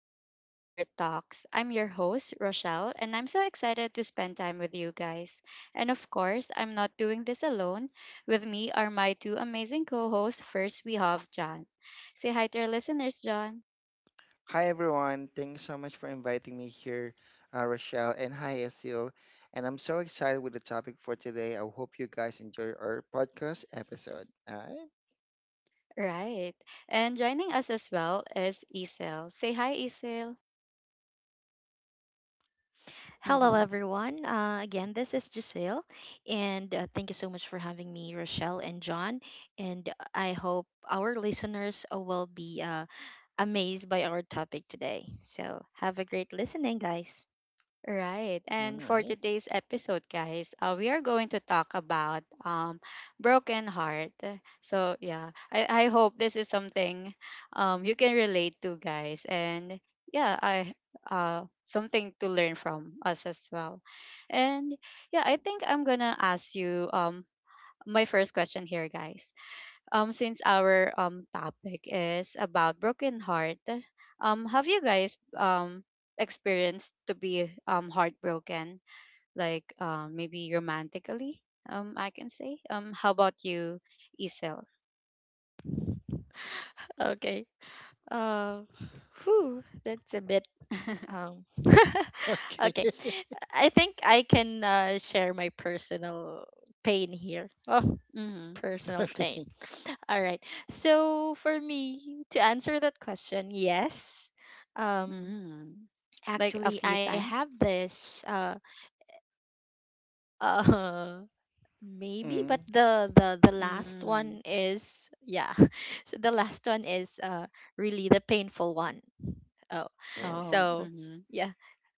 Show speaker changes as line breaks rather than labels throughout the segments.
welcome to our talks. I'm your host, Rochelle, and I'm so excited to spend time with you guys. And of course, I'm not doing this alone. With me are my two amazing co hosts. First, we have John. Say hi to our listeners, John.
Hi everyone, thanks so much for inviting me here, Rochelle, and hi Asil. And I'm so excited with the topic for today. I hope you guys enjoy our podcast episode.
Right. And joining us as well is Isel. Say hi, Isel.
Hello,
Mm-hmm.
everyone. Again, this is Giselle, and thank you so much for having me, Rochelle and John. And I hope our listeners will be amazed by our topic today. So, have a great listening, guys.
Right. And for
Right,
today's episode, guys, we are going to talk about broken heart. So, yeah, I hope this is something you can relate to, guys. And yeah, I something to learn from us as well. And yeah, I think I'm going to ask you my first question here, guys, since our topic is about broken heart. Have you guys experienced to be heartbroken, like maybe romantically? I can say. How about you, Isel?
Okay. Uh, whew, that's a bit. Um,
all right,
okay.
okay,
I think I can share my personal pain here.
Mm-hmm.
personal pain.
okay.
All right. So for me to answer that question, yes. Um
Mm-hmm. Like a
actually
few
I have
times.
this uh maybe, but
Mm.
the last
Mm-hmm.
one is, yeah. So the last one is really the painful one. Oh.
Oh,
Oh.
So
Mm-hmm.
yeah.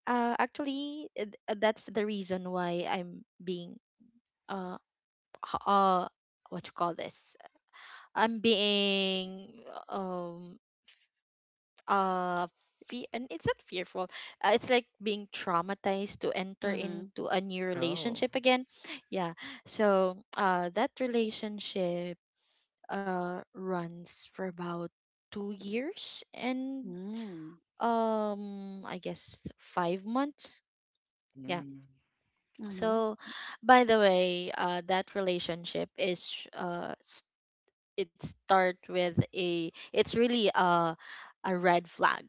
Actually, that's the reason why I'm being uh h- uh what you call this? I'm being um uh and it's not fearful. It's like being traumatized to enter
Mm-hmm.
into a new
oh,
relationship again. Yeah. So that relationship runs for about 2 years and
Mm-hmm.
I guess 5 months. Yeah.
mm.
Mm-hmm.
So, by the way, that relationship is, it start with a it's really a red flag.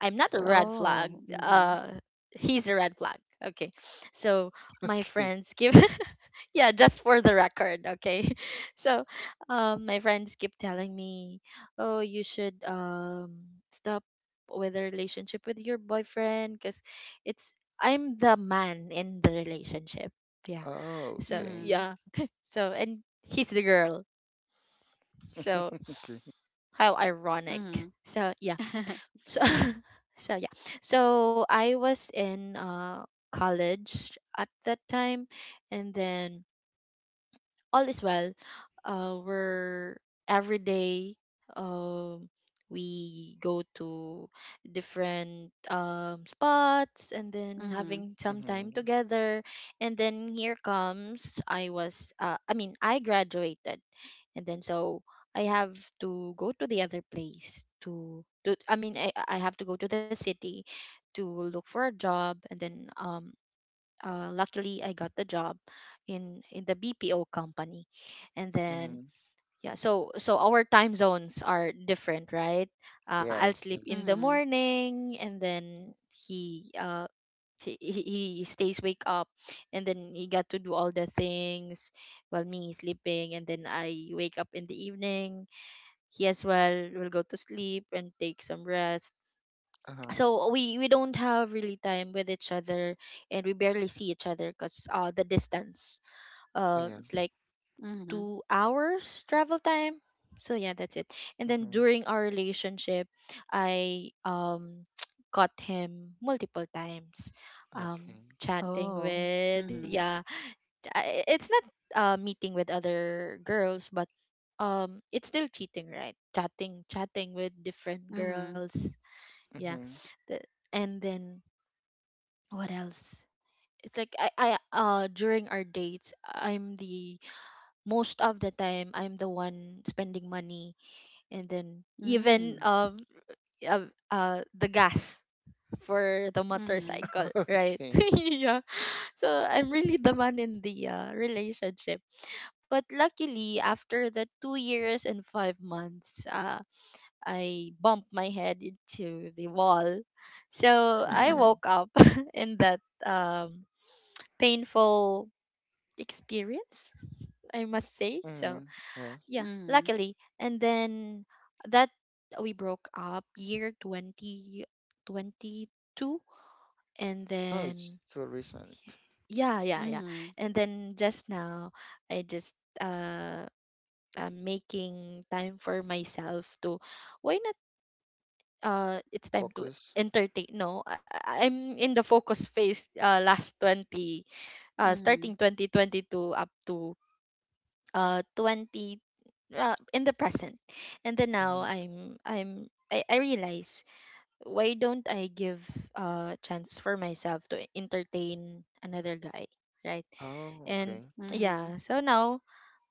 I'm not a
Oh,
red flag.
Oh. Mm-hmm.
Uh he's a red flag. Okay. So my
okay,
friends give, yeah, just for the record, okay. So my friends keep telling me, "Oh, you should stop with a relationship with your boyfriend, cuz it's I'm the man in the relationship." Yeah.
oh,
So,
okay,
Mm-hmm.
yeah. So, and he's the girl. So
okay.
how ironic.
Mm-hmm.
So yeah. So so yeah. So I was in college at that time, and then all is well. We're every day. Um, we go to different spots and then having some
Mm-hmm.
time together. And then here comes, I was. I mean, I graduated, and then so I have to go to the other place to. To, I mean, I have to go to the city to look for a job, and then luckily I got the job in the BPO company, and then
Mm-hmm.
yeah, so our time zones are different, right? I'll
Yes,
sleep in the
yes.
Mm-hmm.
morning, and then he, he he stays wake up, and then he got to do all the things while me sleeping. And then I wake up in the evening, he as well will go to sleep and take some rest.
Uh huh.
So we don't have really time with each other, and we barely see each other because the distance,
Oh yeah.
it's like
Mm-hmm.
2 hours travel time. So yeah, that's it. And then
Mm-hmm.
during our relationship, I caught him multiple times, um
Okay.
chatting
Oh.
with,
Mhm.
yeah. It's not meeting with other girls, but it's still cheating, right? Chatting with different
Mhm.
girls, yeah.
Mm-hmm.
The, and then, what else? It's like I during our dates, I'm the most of the time I'm the one spending money, and then even
Mm.
the gas for the
Mhm.
motorcycle, right?
okay.
yeah, so I'm really the man in the relationship. But luckily, after the 2 years and 5 months, I bumped my head into the wall. So I
Uh-huh.
Mm-hmm.
woke up in that um, painful experience, I must say. So,
Mm-hmm. Yes.
yeah,
Mhm.
luckily. And then that we broke up year 2022. And
Oh,
then,
it's too recent.
yeah, yeah, yeah.
Mhm.
And then just now, I just uh, I'm making time for myself to, why not, it's time to
Focus.
entertain. No, I'm in the focus phase, last 20,
Mhm.
starting 2022, up to 20, in the present. And then now
Hmm.
I realize, why don't I give a chance for myself to entertain another guy, right?
Oh,
And
okay.
Mhm.
yeah, so now,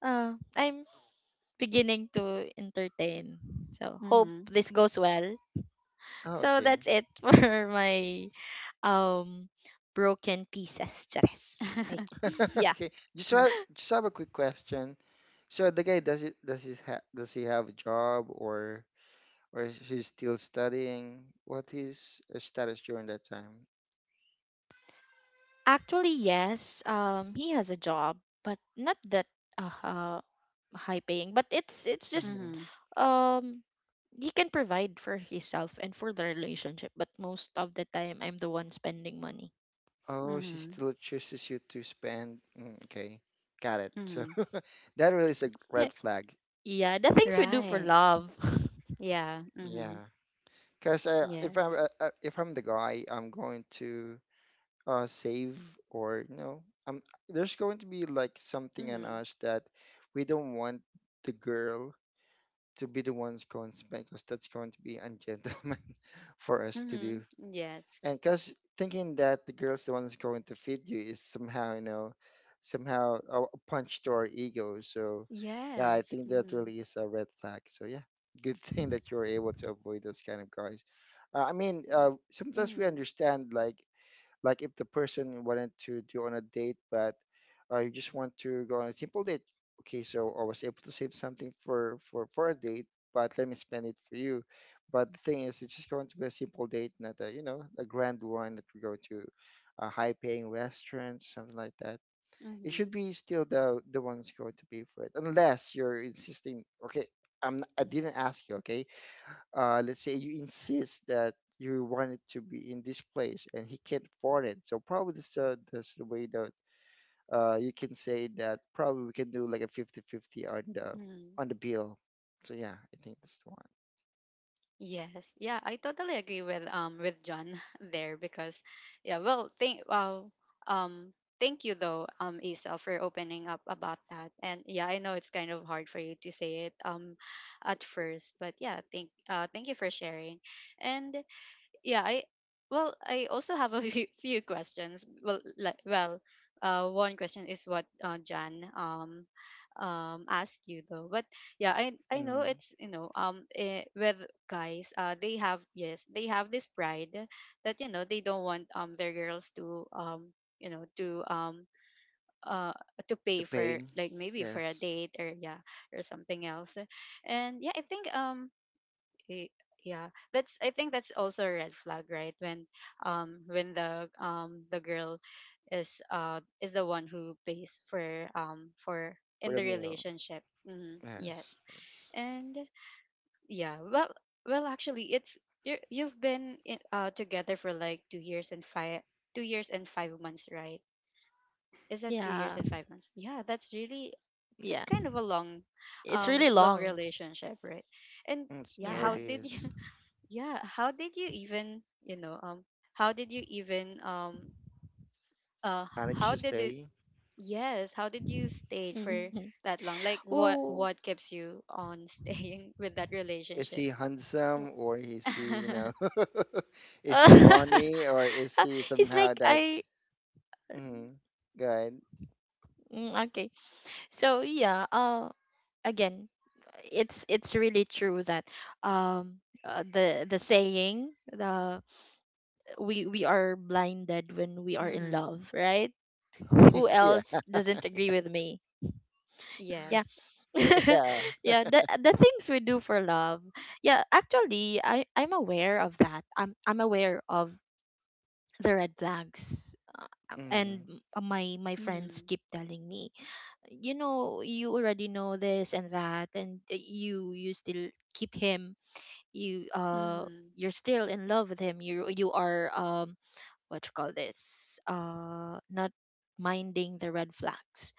I'm beginning to entertain, so hope
Mhm.
this goes well.
Oh,
So
okay.
that's it for my um broken pieces, Charis. I yeah.
Okay. Just
Mhm.
have, just have a quick question. So the guy does it does he ha does he have a job, or is he still studying? What is his status during that time?
Actually, yes. He has a job, but not that uh, uh high paying. But it's just,
Hmm.
Mhm.
um he can provide for himself and for the relationship. But most of the time, I'm the one spending money.
Oh, she
Mhm.
still chooses you to spend. Mm, okay, got it. So
Mhm.
that really is a red flag.
Yeah, the things we do for
Right.
love.
Yeah. Mhm.
Yeah, because
Yes.
if I'm the guy, I'm going to save, or um there's going to be like something in
Mhm.
us that we don't want the girl to be the ones going to spank, because that's going to be ungentleman for us to
Mhm.
do.
Yes.
And because thinking that the girl's the one that's going to feed you is somehow you know somehow a punch to our ego. So yeah, I
Yes.
think that
Mhm.
really is a red flag. So yeah, good thing that you're able to avoid those kind of guys. Sometimes we
Mhm.
understand, like if the person wanted to do on a date, but you just want to go on a simple date. Okay, so I was able to save something for a date, but let me spend it for you. But the thing is, it's just going to be a simple date, not a, you know, a grand one that we go to a high-paying restaurant, something like that. It should
Mhm.
be still the ones going to pay for it, unless you're insisting. Okay, I didn't ask you. Okay, let's say you insist that you want it to be in this place and he can't afford it. So probably that's the way that you can say that probably we can do like a fifty-fifty on
Mhm.
the bill. So yeah, I think that's the one.
Yes. Yeah, I totally agree with John there, because yeah, um thank you though, Isel, for opening up about that. And yeah, I know it's kind of hard for you to say it at first, but yeah, thank you for sharing. And yeah, I well, I also have a few questions. One question is what, jan asked you though. But yeah, I know
Mm.
it's, you know, with guys, they have, yes, they have this pride that, you know, they don't want their girls to, you know, to, uh to
To
pay for,
pay,
like, maybe for a
yes,
date, or yeah, or something else. And yeah, I think, Y- yeah, that's, I think that's also a red flag, right, when, when the, the girl is, is the one who pays for, for
for
in
the
the
meal.
relationship. Hmm,
Yes,
yes.
yes.
And yeah, well, well, actually, it's, you've been together for like two years and 5 months, right? Is that two
Yeah,
years and 5 months? Yeah, that's really, that's
yeah.
kind of a long,
It's really
long
long.
relationship, right? And
Mm, it's
yeah, how
Yeah.
already
did you,
is.
yeah, how did you even, you know, how did you even uh
Managed
how
to
did it
stay.
yes, how did you stay
Mhm.
for that long? Like,
Whoa.
what keeps you on staying with that
Is
relationship?
he handsome, or is he, you
Mm-hmm.
know, is he funny, or is he
He's
somehow
like,
that,
I
mm, good.
mm, okay. So yeah, again, it's really true that, um the saying, the we are blinded when we are in love, right? Who
Mm.
Yeah.
else doesn't agree with me? Yeah.
Yes.
Yeah.
yeah, the things we do for love. Yeah, actually I'm aware of that. I'm aware of the red flags. And
Mm-hmm.
m- my my friends
Mm-hmm.
keep telling me, you know, you already know this and that, and you still keep him, you uh
Mm-hmm.
you're still in love with him, you are, what you call this, not minding the red flags.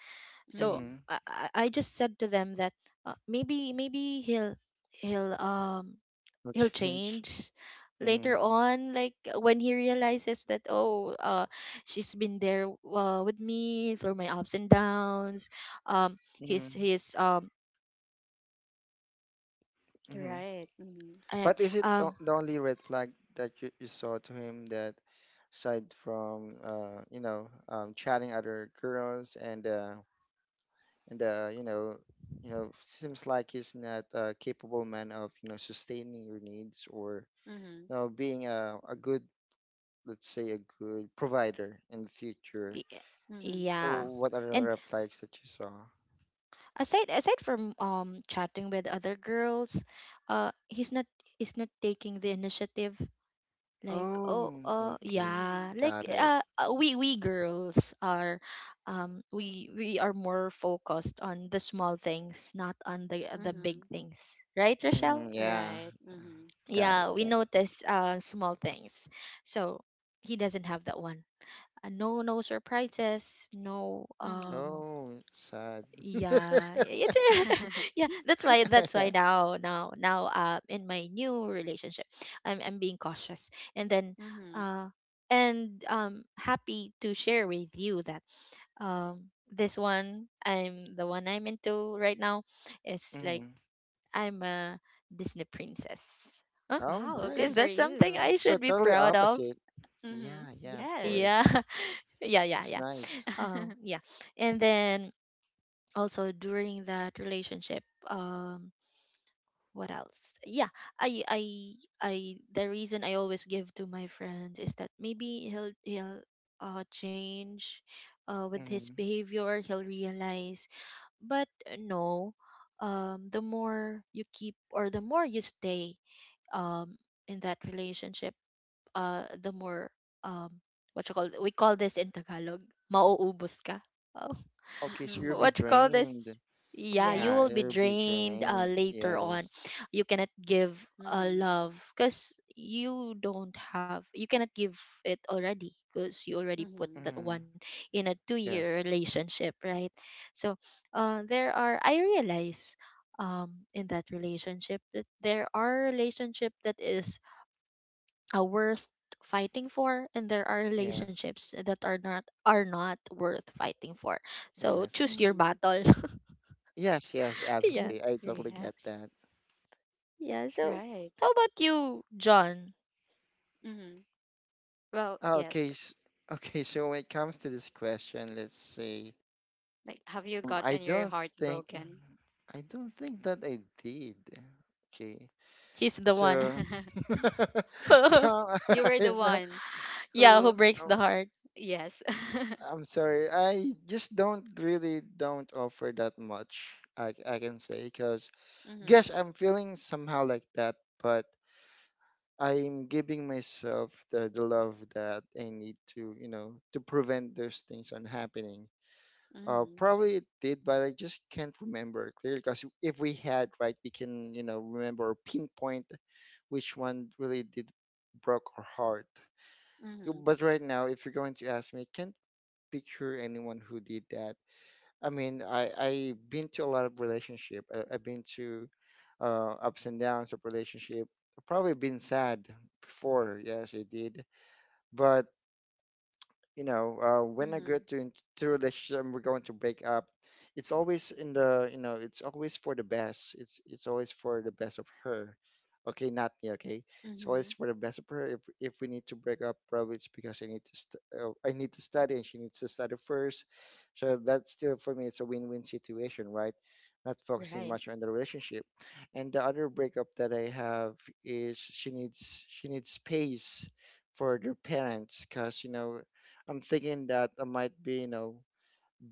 So
Mm-hmm.
Mm-hmm.
I just said to them that, maybe, he'll um
No
he'll
change.
change
Mm-hmm.
later on, like when he realizes that, oh, she's been there, with me through my ups and downs, um his
Mm-hmm.
his um
Mm-hmm.
Right. Mm-hmm.
and
But is it
um
the only red flag that you saw to him? That aside from, you know, chatting other girls, and you know, seems like he's not a capable man of, you know, sustaining your needs, or
Mm-hmm.
you know being a, good, let's say a good provider in the future,
y-
Mm-hmm.
yeah.
or what are the
And
red flags that you saw?
aside from chatting with other girls, uh he's not he's not taking the initiative. Like, oh,
Oh, okay.
yeah,
Mm-hmm.
like,
Got it.
we girls are, we are more focused on the small things, not on the big
Mm-hmm.
things, right, Rochelle?
Mhm, yeah,
Right. Mm-hmm.
Yeah,
got
we
it, got it.
notice small things. So he doesn't have that one. No, no surprises, no,
Mm-hmm.
Oh, sad.
yeah, it's yeah, that's why,
Yeah.
now in my new relationship I'm being cautious. And then,
Mm-hmm.
uh and happy to share with you that, um this one, I'm the one I'm into right now, it's like
Mhm.
I'm a Disney princess, huh?
Oh,
Wow, good
Is
for
that
nice.
something
you.
I
So
should be
totally
proud of?
opposite.
Mm-hmm.
Yeah, yeah, of
Yeah.
Yes.
course.
Yeah, yeah,
It's
yeah.
nice.
Yeah. And then also during that relationship, um what else? Yeah, I I I the reason I always give to my friends is that maybe he'll change, with his
Hmm.
behavior he'll realize. But no, the more you keep, or the more you stay um in that relationship, the more, um what you call, we call this in Tagalog, mauubos ka. Oh,
Oh,
Okay, so you'll be
mhm.
what you call
drained.
this? Yeah, you
Yeah,
will be
you'll
Yes.
be
drained,
drained.
later on.
Yes.
You cannot give,
Mhm.
love, because you don't have, you cannot give it already because you already put
Mhm.
that
Hmm.
one in a 2 year
Yes,
relationship, right? So there are, I realize, in that relationship, that there are relationship that is are worth fighting for, and there are
yes,
relationships that are not worth fighting for. So
yes.
choose your
Mhm.
battle.
Yes, yes,
yeah,
absolutely. I totally get
Yes.
that.
yeah, so
Right.
how about you, John?
Mhm. Well,
Okay,
yes.
s- okay, so when it comes to this question, let's see.
Like, have you
I
gotten your
don't
heart
think,
broken?
that I did. Okay.
He's the one
So no,
You were the
no,
one
yeah, who
who,
breaks the
no,
heart.
yes.
I'm sorry. I just don't really don't offer that much, I can say, because yes,
Mhm.
I'm feeling somehow like that, but I'm giving myself the love that I need to, you know, to prevent those things from happening.
Mhm.
Probably it did, but I just can't remember clearly because if we had, right, we can, you know, remember or pinpoint which one really did broke our heart.
Mhm.
But right now, if you're going to ask me, I can't picture anyone who did that. I mean, I I've been to a lot of relationship. I've been to ups and downs of relationship. I've probably been sad before, yes, I did. But you know, when I
Mhm.
get to into a relationship and we're going to break up, it's always in the, you know, it's always for the best. It's always for the best of her. Okay, not me. Okay, it's always
Mhm.
for the best of her. If we need to break up, probably it's because I need to I need to study, and she needs to study first. So that's still, for me, it's a win-win situation, right? Not focusing
Right.
much on the relationship. And the other breakup that I have is she needs space for their parents, because you know I'm thinking that I might be, you know,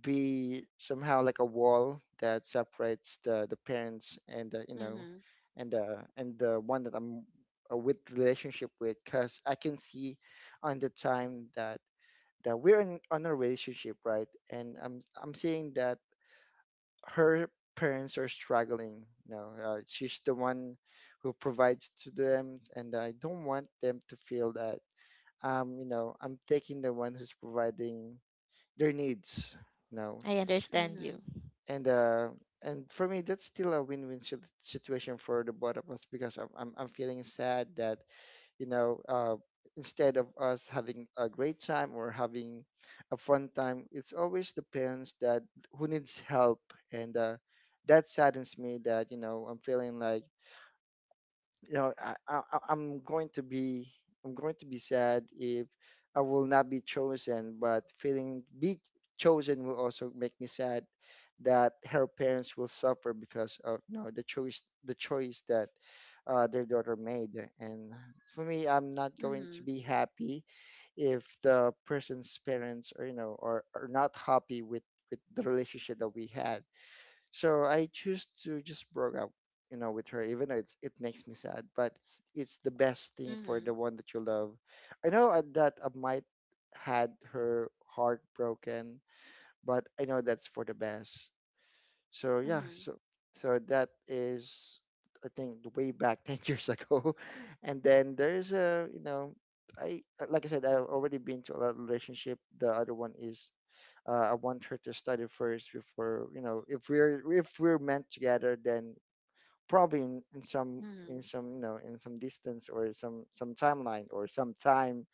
be somehow like a wall that separates the parents and the, you know,
Mhm.
and the one that I'm with relationship with, because I can see on the time that we're in on a relationship, right? And I'm seeing that her parents are struggling. You know, she's the one who provides to them, and I don't want them to feel that, you know, I'm taking the one who's providing their needs now.
I understand you.
Mhm.
And and for me that's still a situation for the both of us, because I'm feeling sad that, you know uh instead of us having a great time or having a fun time, it's always the parents that who needs help. And that saddens me, that you know I'm feeling like, you know, I'm going to be, sad if I will not be chosen, but feeling be chosen will also make me sad, that her parents will suffer because of, you know, the choice that their daughter made. And for me I'm not going to
Mhm.
be happy if the person's parents are, you know, are not happy with the relationship that we had. So I choose to just broke up, you know, with her, even though it makes me sad, but it's the best thing for
Mhm.
the one that you love. I know that I might had her heart broken, but I know that's for the best. So yeah,
Mhm.
so so that is, I think, way back 10 years ago. And then there is a, you know, I, like I said, I've already been to a lot of relationship. The other one is, I want her to study first before, you know, if we're meant together, then probably in some,
Mhm.
you know, in some distance, or some timeline, or some time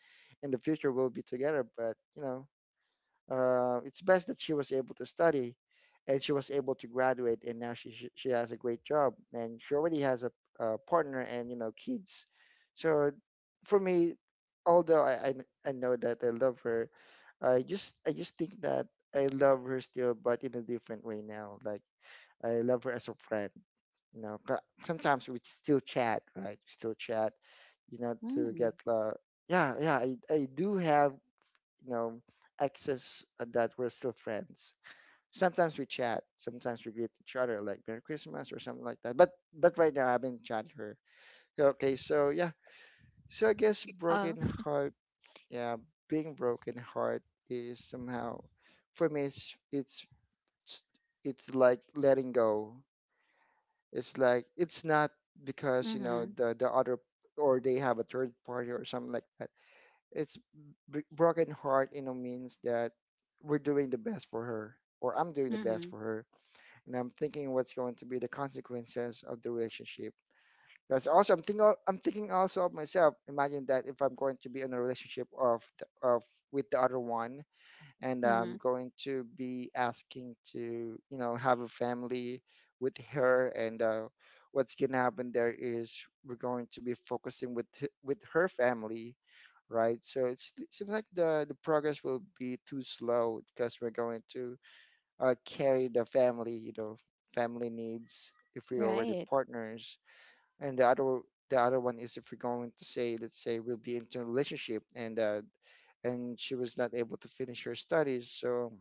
in the future we'll be together. But you know, it's best that she was able to study, and she was able to graduate, and now she has a great job, and she already has a, partner, and you know, kids. So for me, although I know that I love her, I just think that I love her still, but in a different way now. Like I love her as a friend. You know, sometimes we still chat, right? We still chat, you know, to
Mhm.
get yeah, yeah, I do have, you know, excess that we're still friends. Sometimes we chat, sometimes we greet each other like Merry Christmas or something like that. But right now I haven't chatted her. Okay, so yeah, so I guess
uh,
broken heart, yeah, being broken heart is somehow, for me it's it's like letting go. It's like it's not because you know
Mhm.
the other, or they have a third party or something like that. It's broken heart, you know, means that we're doing the best for her, or I'm doing the best
Mhm.
for her. And I'm thinking what's going to be the consequences of the relationship, because also I'm thinking also of myself. Imagine that if I'm going to be in a relationship of with the other one, and I'm
Mhm.
going to be asking to, you know, have a family with her. And what's gonna happen there is we're going to be focusing with with her family, right? So it seems like the progress will be too slow, because we're going to carry the family, you know, family needs if we're already
Right.
partners. And the other, the other one is if we're going to say, let's say, we'll be into a relationship, and she was not able to finish her studies. So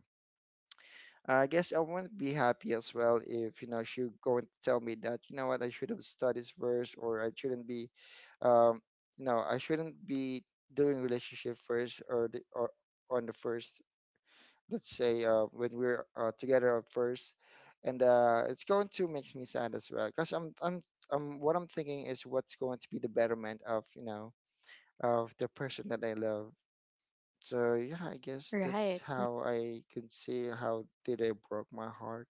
uh, I guess I wouldn't be happy as well if she going to tell me that you know what I should have studied first, or I shouldn't be, um, I shouldn't be doing relationship first, or on the first, let's say, when we're together at first. And it's going to makes me sad as well because I'm what I'm thinking is what's going to be the betterment of of the person that I love. So yeah, I guess that's
Right.
how I can see how did I broke my heart,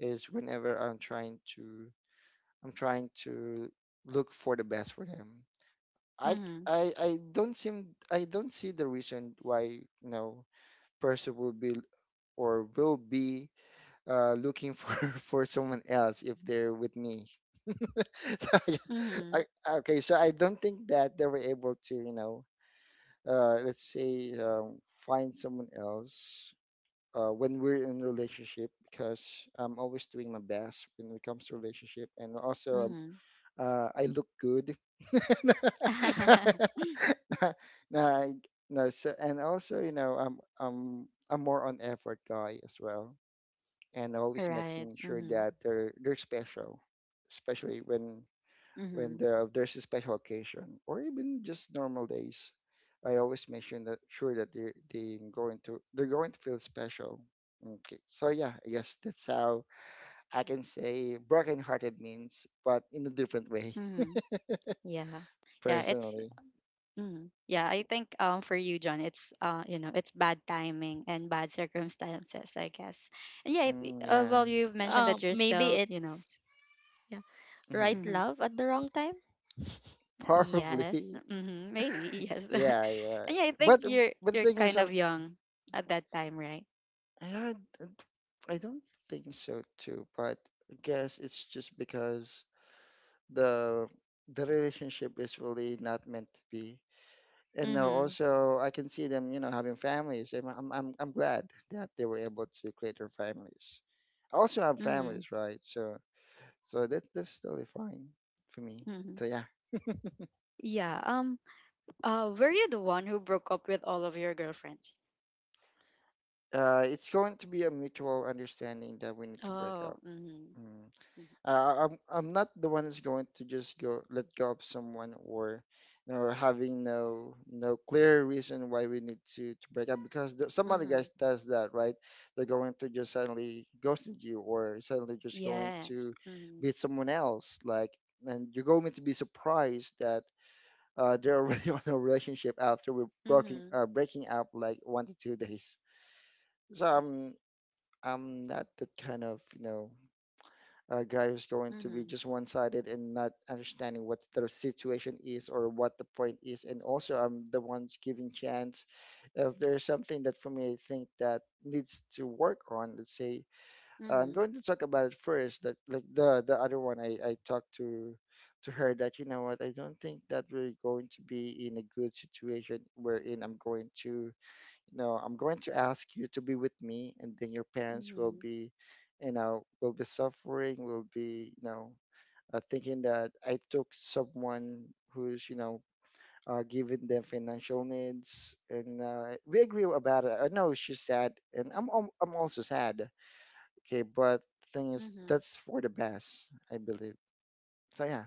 is whenever I'm trying to look for the best for them. I
Mhm.
I don't seem, I don't see the reason why person will be, or will be, looking for for someone else if they're with me. So, yeah, I,
Mhm.
okay, so I don't think that they were able to let's say find someone else when we're in a relationship, because I'm always doing my best when it comes to relationship. And also,
Mhm.
I look good. Nah, no. So, and also I'm more on effort guy as well, and always
Right.
making sure
Mhm.
that they're special, especially when
Mhm.
there's a special occasion or even just normal days. I always make sure that they're going to feel special. Okay, so yeah, I guess that's how I can say brokenhearted means, but in a different way,
Mhm. Yeah. Yeah, it's
personally.
mhm. Yeah, I think, for you, John, it's, you know, it's bad timing and bad circumstances, I guess. And yeah, it,
Mm, yeah.
well, you've mentioned that you're
Maybe
still, you
it's,
know,
yeah, right,
Hmm,
mhm.
love at the wrong time.
Yes.
probably.
Mhm. Maybe. Yes.
Yeah, yeah.
And yeah, I think
But
you're
but the
you're
thing is,
kind of young at that time, right?
I I don't think so too. But I guess it's just because the the relationship is really not meant to be. And now
Mhm.
also I can see them, you know, having families. And I'm glad that they were able to create their families. I also have
Mhm.
families, right? So that's totally fine for me.
Mhm.
So yeah.
Yeah. Were you the one who broke up with all of your girlfriends?
It's going to be a mutual understanding that we need to break
Oh.
up.
Mhm.
Mm. I'm not the one who's going to just go let go of someone, or having no clear reason why we need to break up, because there, some other guys
Mhm.
does that, right. They're going to just suddenly ghosting you, or suddenly just going to
Yes. Mhm.
meet someone else, like, and you're going to be surprised that they're already on a relationship after we're broken
Mhm.
breaking up like 1 to 2 days. So I'm not that kind of a guy who's going to be
Mhm.
just one-sided and not understanding what the situation is or what the point is. And also, I'm the ones giving chance. If there's something that for me I think that needs to work on, let's say, I'm
Mhm.
going to talk about it first. That, like, the other one, I talked to her that, you know what, I don't think that we're going to be in a good situation wherein I'm going to, no, I'm going to ask you to be with me, and then your parents will
Mhm.
be, you know, will be suffering, will be, you know, thinking that I took someone who's, you know, giving them financial needs, and we agree about it. I know she's sad, and I'm also sad. Okay, but thing is,
Mhm.
that's for the best, I believe. So yeah,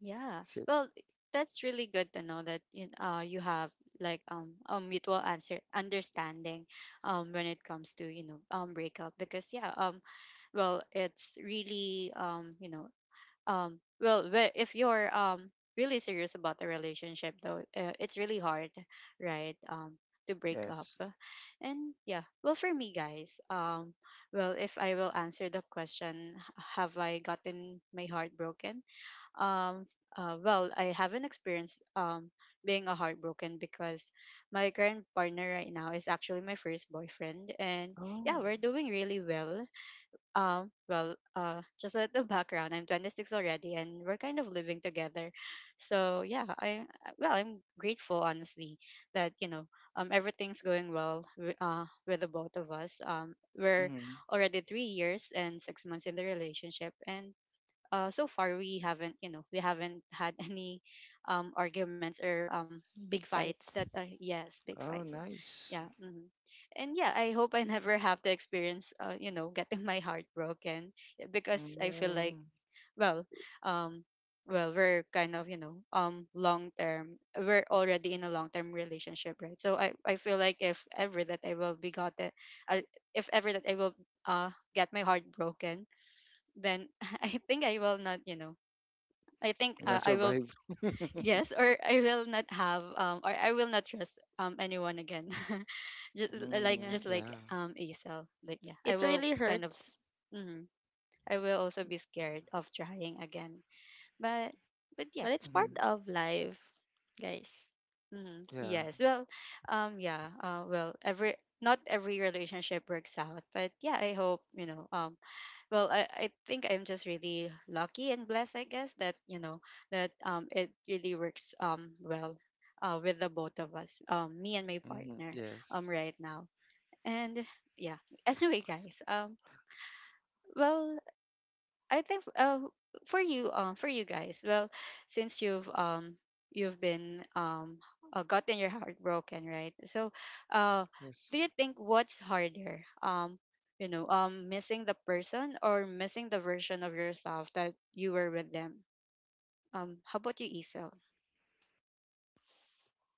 Yeah.
that's it.
Well, that's really good to know that you, you have, like, a mutual answer understanding, when it comes to, you know, breakup, because yeah, well, it's really, you know, well, where if you're really serious about the relationship though, it's really hard, right, to break up.
Yes.
And yeah, well, for me, guys, well, if I will answer the question, have I gotten my heart broken, um well, I haven't experienced being a heartbroken, because my current partner right now is actually my first boyfriend, and yeah,
Oh.
we're doing really well. Well, just at the background, I'm 26 already, and we're kind of living together. So yeah, well, I'm grateful, honestly, that, you know, everything's going well with the both of us. We're
Mhm.
already 3 years and 6 months in the relationship, and so far we haven't, you know, we haven't had any arguments or
Big
fights
fights.
that are yes big
Oh,
fights.
nice.
Yeah, hmm. And yeah, I hope I never have to experience, you know, getting my heart broken, because I feel like,
Mm.
well, um well, we're kind of, you know, long term, we're already in a long term relationship, right? So I feel like, if ever that I will be got it, uh, if ever that I will, get my heart broken, then I think I will not, you know, I think,
When I
I will,
survive.
yes, or I will not have, or I will not trust anyone again. Just, like,
Yeah.
Mm,
just like,
yeah.
Asel, like, yeah, I
It
will
really
kind of,
hurts,
mm, I will also be scared of trying again. But but
but
yeah,
it's part
Mm-hmm.
mm-hmm,
of life, guys.
mm-hmm,
Yeah.
yes. Well, yeah. Well, every, not every relationship works out, but yeah, I hope, you know, well, I think I'm just really lucky and blessed, I guess, that, you know, that, it really works well with the both of us, me and my
Mm-hmm.
partner,
Yes.
right now. And yeah, anyway, guys, well, I think, for you, for you guys, well, since you've, you've been, gotten your heart broken, right? So, uh,
Yes.
do you think what's harder? You know, missing the person or missing the version of yourself that you were with them. How about you, Isel?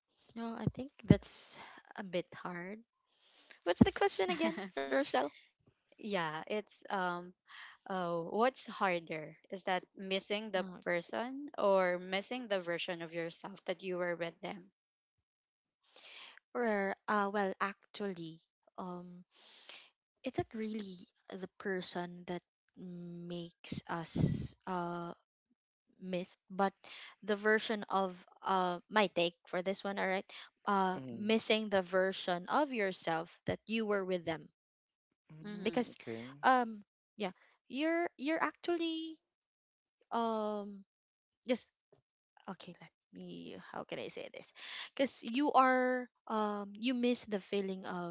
No, I think that's a bit hard. What's the question again, Rochelle?
Yeah, it's, what's harder? Is that
Uh,
missing the person or missing the version of yourself that you were with them?
or Well, actually, um it's not really the person that makes us missed, but the version of, my take for this one, all right?
Mm-hmm.
Missing the version of yourself that you were with them, because
Mm-hmm.
Mm-hmm. Okay.
um yeah, you're actually, um just, okay, let me, how can I say this? Because you are, you miss the feeling of,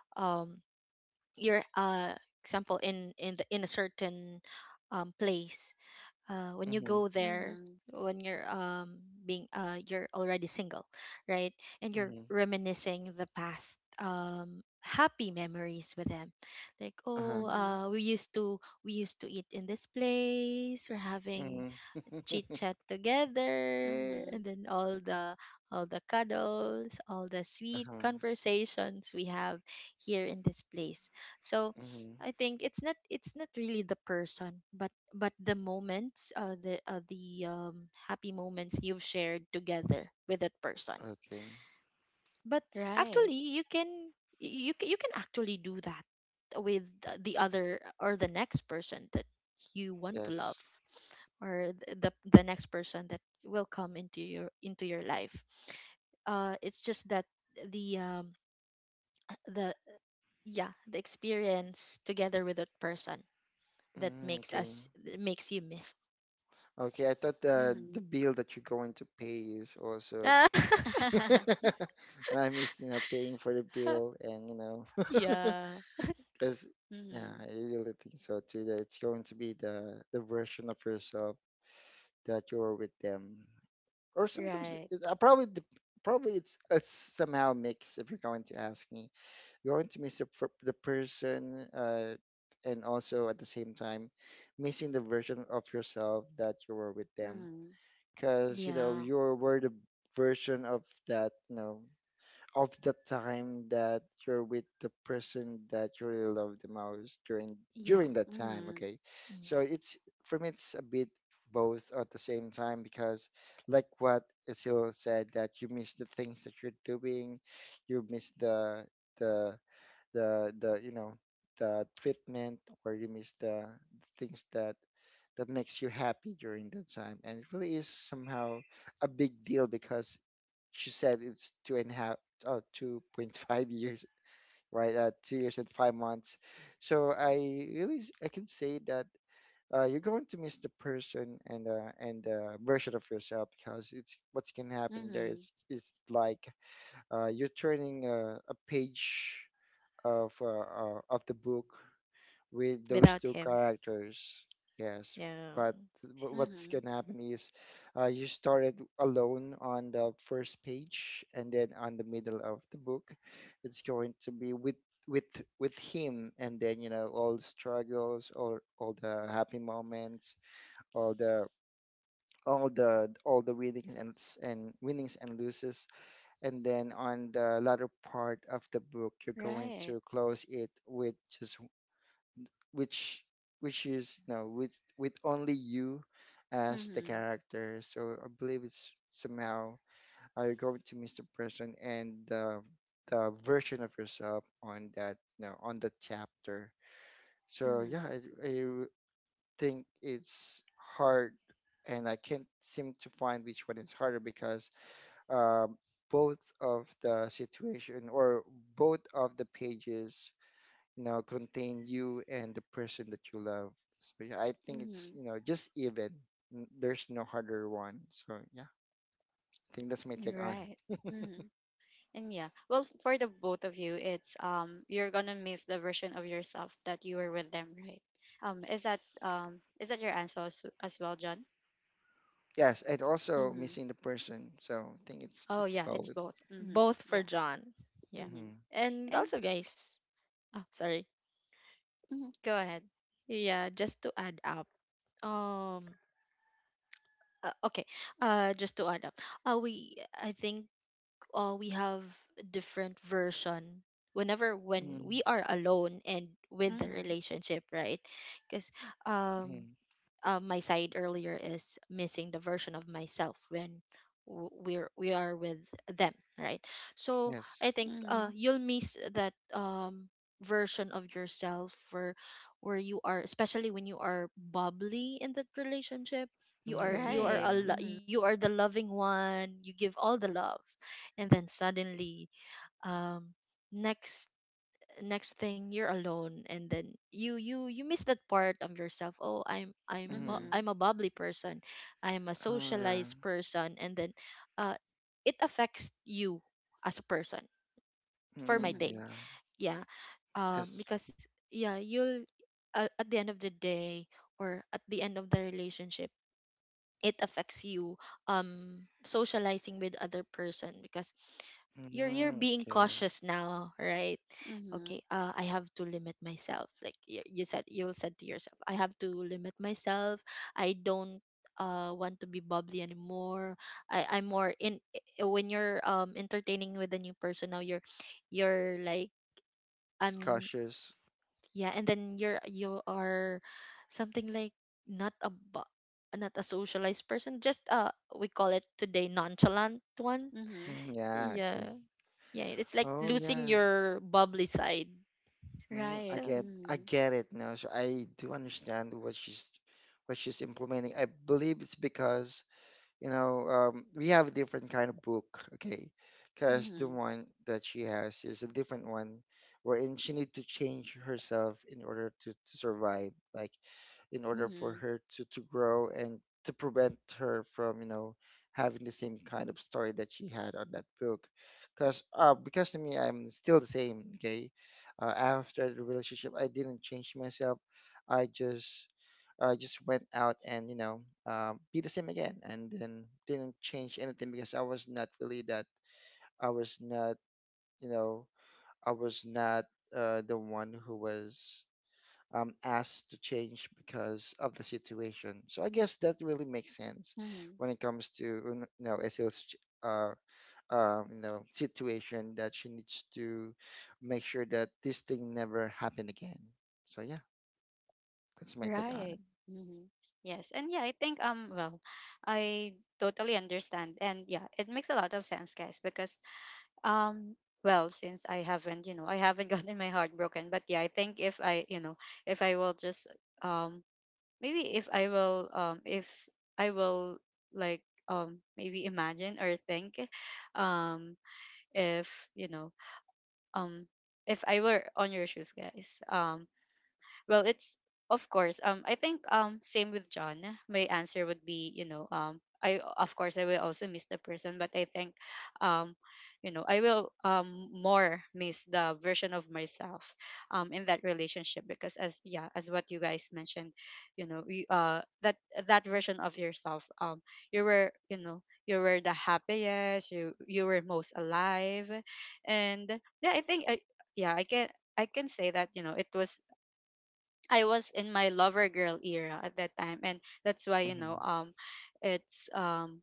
um your, example, in the in a certain, place, when you go
Mm-hmm.
there,
Mm-hmm.
when you're, being, you're already single, right? And you're
Mm-hmm.
reminiscing the past, happy memories with them. Like, oh,
Uh-huh.
Mhm,
we used to eat in this place, we're having
Mm-hmm.
chit chat together, and
mhm.
then all the, cuddles, all the sweet
Uh-huh.
conversations we have here in this place. So
Mm-hmm.
I think it's not really the person, but the moments, the happy moments you've shared together with that person.
Okay.
But
Right.
actually, you can actually do that with the other, or the next person that you want to love,
Yes.
or the next person that will come into your, life. It's just that the um the, yeah, the experience together with that person, that
Mm,
makes
okay.
us that makes you missed.
Okay, I thought the
Mhm.
bill that you're going to pay is also
Mhm.
I miss, you know, paying for the bill and you know,
yeah,
because yeah, I really think so too that it's going to be the version of yourself that you're with them. Or sometimes
Right.
it, probably it's somehow mixed if you're going to ask me. You're going to miss the person, and also at the same time missing the version of yourself that you were with them,
Mhm,
because you know
yeah,
you were the version of, that you know, of the time that you're with the person that you really love the most during
yeah.
during that time.
mhm,
Okay,
Mm.
so it's, for me it's a bit both at the same time, because like what Isil said, that you miss the things that you're doing, you miss the the the you know the treatment, or you miss the things that makes you happy during that time. And it really is somehow a big deal, because she said it's two and a half, 2.5 years, right? 2 years and 5 months. So I really, I can say that you're going to miss the person and version of yourself, because it's what's can happen there
mhm,
is like, you're turning a page of the book with those
Without
two
him,
characters. Yes,
yeah.
but what's
mhm.
gonna happen is, you started alone on the first page, and then on the middle of the book, it's going to be with with him, and then you know all the struggles, all the happy moments, all the all the winnings and winnings and losses, and then on the latter part of the book you're going
Right.
to close it with just, which, is no, with only you as the
Mhm,
character. So I believe it's somehow, you're going to miss the person and the version of yourself on, that you know, on the chapter. So yeah,
mhm,
I think it's hard, and I can't seem to find which one is harder, because um both of the situation, or both of the pages, you know, contain you and the person that you love. So yeah, I think it's, you
mhm.
know, just even. N- There's no harder one. So yeah, I think that's my take on it.
Right. Mhm. And yeah, well, for the both of you, it's, you're gonna miss the version of yourself that you were with them, right? Is that, is that your answer as well, John?
Yes, and also
Mm-hmm.
missing the person. So I think
Oh
it's
yeah, it's
both.
both. Mm-hmm.
Both for
Yeah.
John. Yeah.
Mm-hmm.
Mm-hmm.
And
And
also, guys, oh, sorry.
mhm, go ahead.
Yeah, just to add up. Um okay. Just to add up. We I think we have different version whenever, when
Mm-hmm.
we are alone and with the relationship, right? Cuz um my side earlier is missing the version of myself when we are with them, right? So I
Yes.
think
Mm-hmm.
you'll miss that version of yourself where you are, especially when you are bubbly in that relationship. You are
Mm,
Right.
a
yeah.
Mhm.
you are the loving one, you give all the love. And then suddenly, um next next thing you're alone, and then you miss that part of yourself. Oh, I'm
Mm.
I'm a
Mhm.
bubbly person, I'm a
Oh yeah.
socialized person. And then uh it affects you as a person, for my
Mm,
take.
Mhm.
yeah.
Yeah,
Yes.
because yeah, you'll, at the end of the day or at the end of the relationship, it affects you, socializing with other person, because you're
Mm,
being
okay.
cautious now, right? Okay,
Mhm.
I have to limit myself. Like you, you said to yourself, I have to limit myself. I don't want to be bubbly anymore. I'm more in when you're entertaining with a new person, now you're like I'm
Cautious.
yeah, and then you're you are something like, not a not a socialized person, just we call it today, nonchalant one.
Mhm.
Mm, yeah. Okay.
Yeah. Yeah, it's like
Oh
losing
yeah.
your bubbly side.
Mm, I
Right.
So,
get,
Mhm.
it now. So I do understand what she's implementing. I believe it's because, you know, we have a different kind of book, okay? Because the
Mhm.
one that she has is a different one wherein she need to change herself in order to survive. Like, in order for
Mhm.
her to grow and to prevent her from, you know, having the same kind of story that she had on that book. Because, to me I'm still the same, okay. After the relationship I didn't change myself, i just I just went out and, you know, be the same again, and then didn't change anything, because I was not really that I was not you know I was not the one who was asked to change because of the situation. So I guess that really makes sense
Mhm.
when it comes to, you know, SL's uh, you know, situation, that she needs to make sure that this thing never happen again. So yeah, that's my take on
Right. Mhm. Yes. And yeah, I think, well, I totally understand. And yeah, it makes a lot of sense, guys, because, um well, since I haven't, you know, I haven't gotten my heart broken, but yeah, I think if I, you know, if I will just, um maybe if I will like maybe imagine or think, um if, you know, um if I were on your shoes, guys, well, it's, of course. I think, same with John. My answer would be, you know, I, of course, I will also miss the person, but I think, um you know, I will, more miss the version of myself, in that relationship, because, as yeah, as what you guys mentioned, you know, we that, that version of yourself, you were, you know, you were the happiest, you were most alive, and yeah, I think I, yeah, I can, I can say that, you know, it was, I was in my lover girl era at that time, and that's why,
it.
you
Hmm.
know, it's, um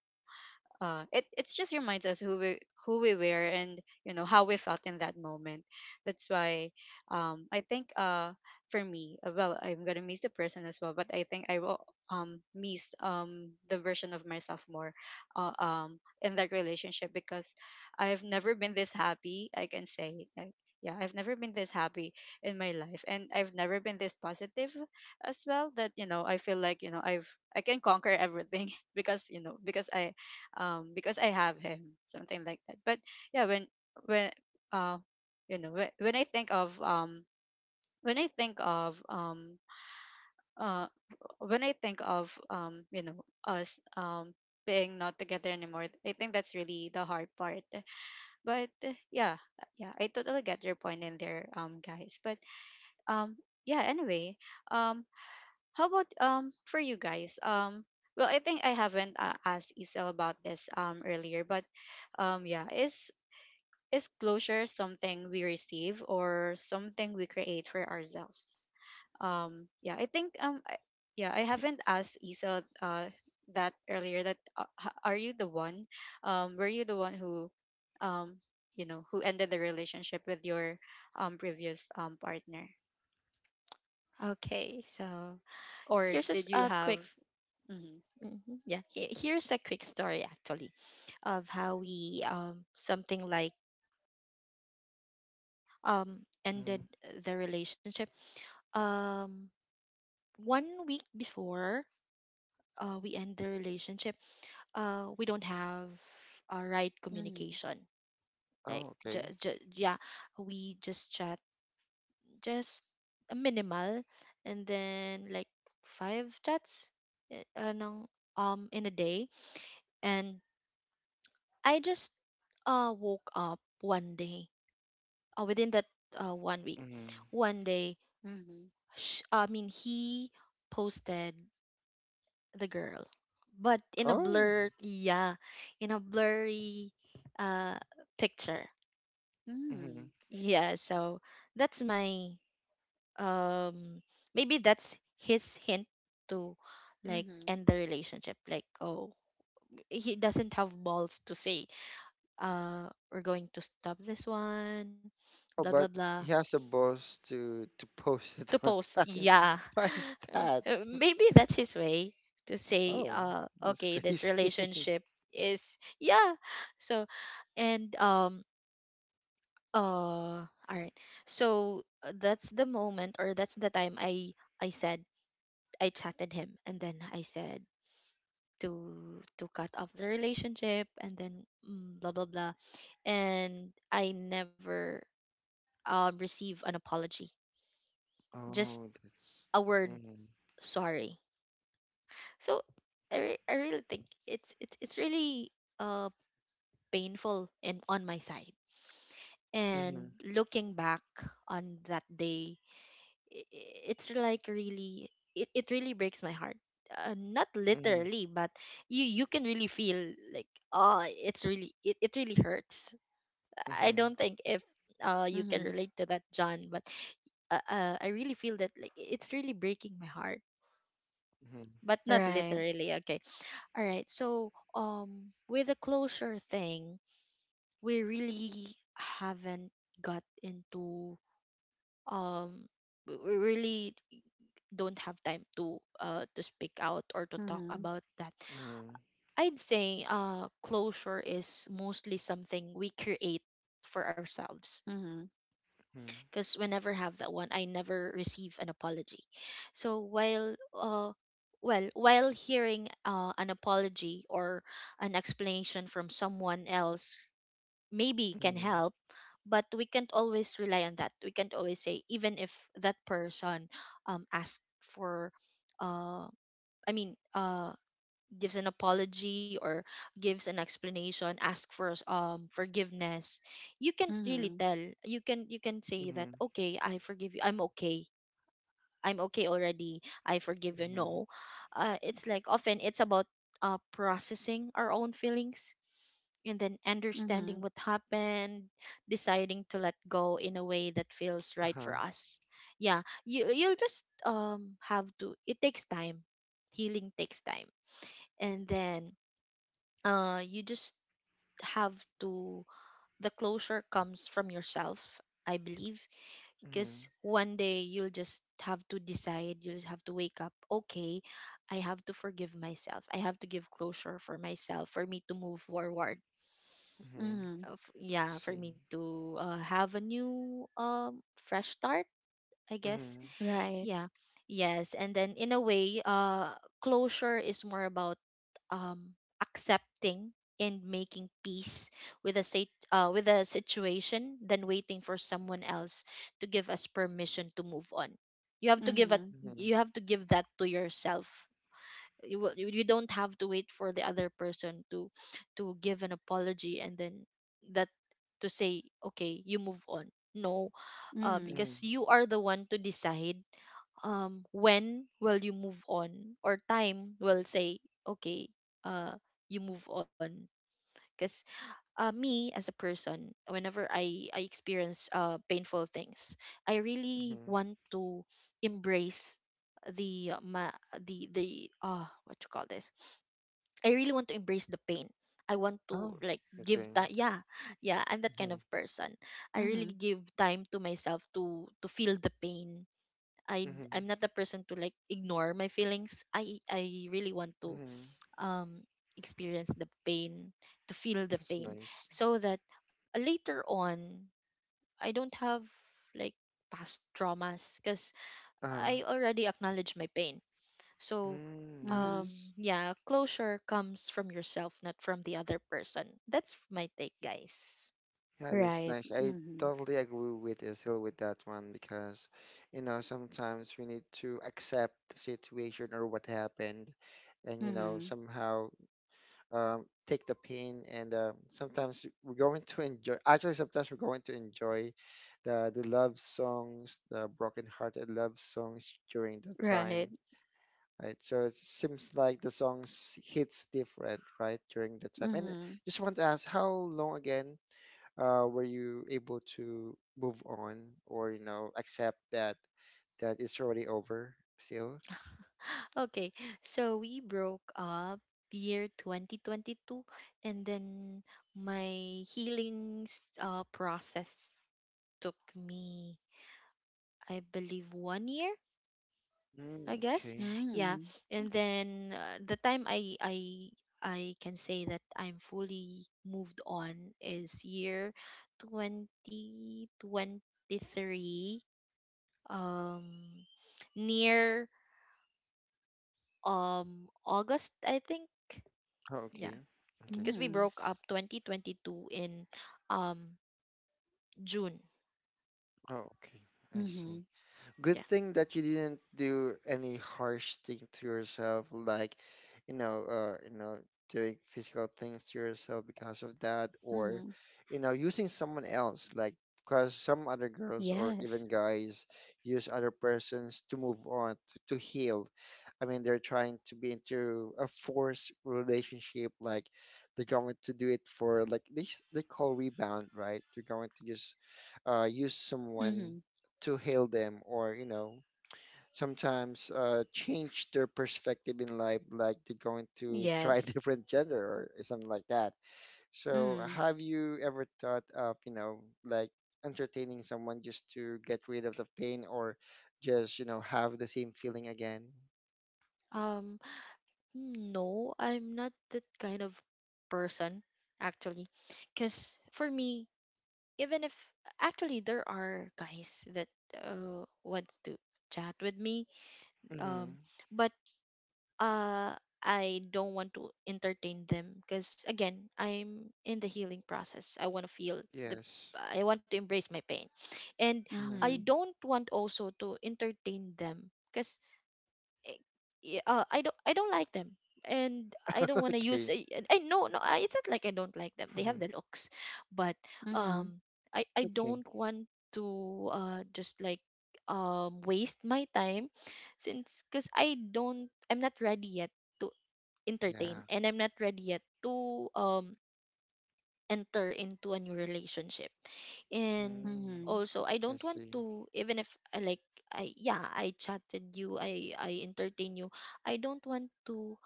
uh, it, it's just reminds us who we, who we were and, you know, how we felt in that moment. That's why, I think, for me, well, I'm gonna miss the person as well, but I think I will, miss, the version of myself more, in that relationship, because I've never been this happy. I can say, like. Yeah, I've never been this happy in my life, and I've never been this positive as well. That, I feel like, I can conquer everything because, because I have him, something like that. But yeah, when uh when I think of when I think of um uh when I think of um you know us, being not together anymore, I think that's really the hard part. But yeah, I totally get your point in there, guys. But um yeah anyway. um how about for you guys? Well, I think I haven't asked Isel about this earlier, but yeah, is closure something we receive or something we create for ourselves? Yeah, I think, yeah, I haven't asked Isa that earlier. That are you the one? Were you the one um, who ended the relationship with your previous partner,
okay. So,
or
here's a
did you
a
have?
quick
Mm-hmm,
mhm, yeah, here's a quick story actually of how we something like
Hmm.
ended the relationship. Um One week before we end the relationship, we don't have a right
mm-hmm,
communication.
Oh,
Like,
okay.
yeah, we just chat, just a minimal, and then like five chats, eh, uh, ng, in a day. And I just woke up one day, within that one week,
Hmm.
one day.
mm-hmm,
I mean, he posted the girl, but in a
Oh.
blur, yeah, in a blurry uh picture.
Hmm.
mm-hmm,
Yeah, so that's my um maybe that's his hint to, like,
mm-hmm,
end the relationship. Like, oh, he doesn't have balls to say, we're going to stop this one, blah
Oh,
blah
but
blah.
he has a boss to post
To
it
post,
online.
yeah.
Why is that?
Maybe that's his way to say,
Oh, that's
okay, this
crazy.
relationship is yeah. So, and all right. So that's the moment, or that's the time I said, I chatted him and then I said to cut off the relationship and then blah blah blah, and I never receive an apology. Just
Oh, that's.
a word
Mm-hmm.
sorry. So I really think it's it's really uh painful in on my side. And
Mm-hmm.
looking back on that day, it's like really, it really breaks my heart, not
Mm-hmm.
literally, but you can really feel like, oh, it's really, it really hurts. I
Mm-hmm.
don't think if you can
mm-hmm,
relate to that, John, but I really feel that, like, it's really breaking my heart, but not
right.
literally, okay. All right, so with the closure thing, we really haven't got into um we really don't have time to speak out or to talk
Mm-hmm,
about that.
Mm-hmm.
I'd say closure is mostly something we create for ourselves.
mm-hmm,
Mm-hmm.
Because whenever have that one, I never receive an apology. So while well, while hearing an apology or an explanation from someone else, maybe can
Mm-hmm.
help. But we can't always rely on that. We can't always say, even if that person asked for uh, I mean, gives an apology or gives an explanation, ask for forgiveness, you can't really
mm-hmm,
tell. You can say that,
Mm-hmm.
okay, I forgive you. I'm okay. I'm okay already. I forgive you. No,
Mm-hmm.
it's like, often it's about processing our own feelings and then
mm-hmm,
understanding what happened, deciding to let go in a way that feels right for
Uh-huh.
us. Yeah, you you'll just have to. It takes time. Healing takes time, and then you just have to, the closure comes from yourself, I believe.
Mm-hmm.
Because one day you'll just have to decide, you'll just have to wake up, okay, I have to forgive myself, I have to give closure for myself for me to move forward,
Mm-hmm.
mm-hmm.
I
of, yeah, for
see.
me to have a new fresh start, I guess.
Mm-hmm.
Right.
Yeah. Yes. And then in a way, closure is more about um accepting and making peace with a with a situation, than waiting for someone else to give us permission to move on. You have to give it,
Mhm.
Mm-hmm.
you have to give that to yourself. You you don't have to wait for the other person to give an apology and then that to say, okay, you move on. No,
Mhm.
Mm-hmm.
because you are the one to decide when will you move on, or time will say, okay, uh you move on. Because me as a person, whenever I experience painful things, I really
Mm-hmm.
want to embrace the the what you call this, I really want to embrace the pain. I want to,
Oh,
like, give
okay.
time. Yeah, yeah, I'm that kind
Mm-hmm.
of person. I really
Mhm.
give time to myself to feel the pain. I'm
Mm-hmm.
not the person to, like, ignore my feelings. I really want to
Mm-hmm.
um experience the pain, to feel the
That's
pain,
nice.
so that later on I don't have like past traumas, cuz
Uh-huh.
I already acknowledge my pain. So
Mm,
Mhm.
nice.
yeah, closure comes from yourself, not from the other person. That's my take, guys.
Yeah, that's
Right.
nice. I
Mhm.
totally agree with Isil with that one, because, you know, sometimes we need to accept the situation or what happened, and, you know,
Mhm.
somehow take the pain. And sometimes we're going to enjoy, actually, sometimes we're going to enjoy the love songs, the broken-hearted love songs during that
Right.
time. Right, so it seems like the songs hits different, right, during the time. And
Mhm.
just want to ask, how long again, were you able to move on, or you know accept that that it's already over still?
Okay, so we broke up year 2022, and then my healing process took me, I believe, 1 year,
Mm,
I guess.
okay.
Yeah.
Mhm.
And then the time I can say that I'm fully moved on is year 2023, um near August, I think.
Oh,
Yeah,
okay. Okay.
because we
Mhm.
broke up 2022 in um June.
Oh, okay. I see.
Mhm.
Good
Yeah.
thing that you didn't do any harsh thing to yourself, like, you know, doing physical things to yourself because of that, or,
Mhm.
you know, using someone else, like, because some other girls or
Yes.
even guys use other persons to move on, to heal. I mean, they're trying to be into a forced relationship. Like, they're going to do it for, like, they call rebound, right? They're going to just use someone
Mhm.
to hail them, or, you know, sometimes change their perspective in life. Like, they're going to try a
Yes.
different gender or something like that. So,
Mhm.
have you ever thought of, you know, like, entertaining someone just to get rid of the pain, or just, you know, have the same feeling again?
Um no, I'm not that kind of person actually, because for me, even if, actually there are guys that wants to chat with me,
Hmm.
um but uh I don't want to entertain them because, again, I'm in the healing process. I want to feel the,
Yes.
I want to embrace my pain. And I
Mm.
Mhm.
don't want also to entertain them because eh, yeah, I don't, I don't like them, and I don't want to use
Okay.
I, no, no, I, it's not like I don't like them, they have
Hmm.
the looks, but
Mhm.
um I
Okay.
don't want to just like waste my time, since cuz I don't, I'm not ready yet to entertain,
Yeah.
and I'm not ready yet to um enter into a new relationship. And
Mm.
Mhm.
also, I
I
don't want
see.
to, even if I like, I yeah, I chatted you, I entertain you, I don't want to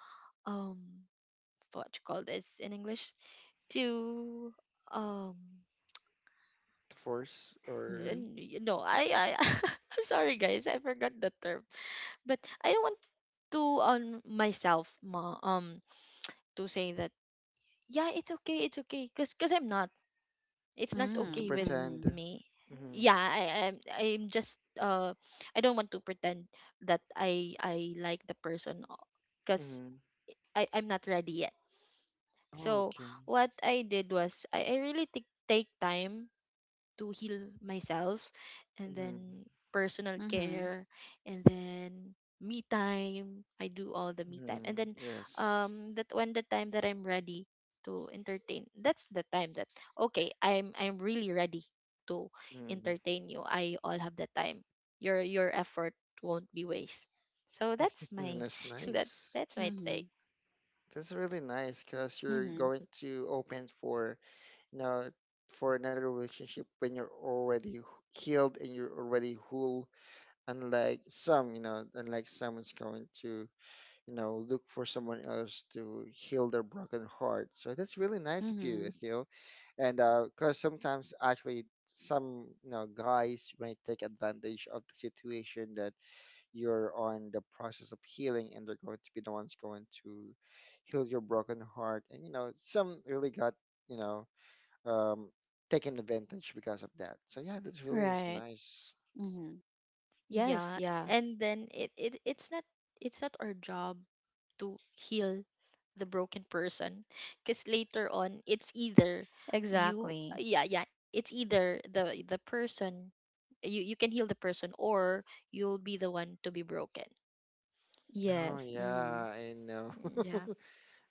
um what you call this in English, to um
To force or
Mhm.
and you know, I I'm sorry guys, I forgot the term, but I don't want to on myself ma to say that yeah, it's okay, it's okay, because 'cause I'm not, it's not
to
okay with
pretend.
Mhm.
me.
Mm-hmm.
Yeah, I'm just I don't want to pretend that I like the person, because
Mm-hmm.
I'm not ready yet.
Oh,
So
okay.
what I did was I really take time to heal myself, and
Mm.
then personal
Mhm.
care, and then me time, I do all the me time, and
Mm.
then
Yes.
that, when the time that I'm ready to entertain, that's the time that, okay, I'm really ready to
Mm.
entertain you I all have the time, your effort won't be waste. So that's my
That's
that
nice.
that's my
Mhm.
take.
Mhm.
That's really nice because you're
Mhm.
going to open for, you know, for another relationship when you're already healed and you're already whole, unlike some, unlike someone's going to look for someone else to heal their broken heart. So that's really nice of you,
Mhm.
Asil. And because sometimes actually some guys might take advantage of the situation that you're on the process of healing, and they're going to be the ones going to heal your broken heart. And some really got you know um taken advantage because of that. So yeah, that really is
Right.
nice.
Mhm. Yes.
Yeah,
Yeah.
and then it's not, it's not our job to heal the broken person, because later on, it's either you,
Exactly.
yeah, yeah, it's either the person, you can heal the person, or you'll be the one to be broken.
Oh
Yes. Mhm.
yeah, I know.
Mm, yeah,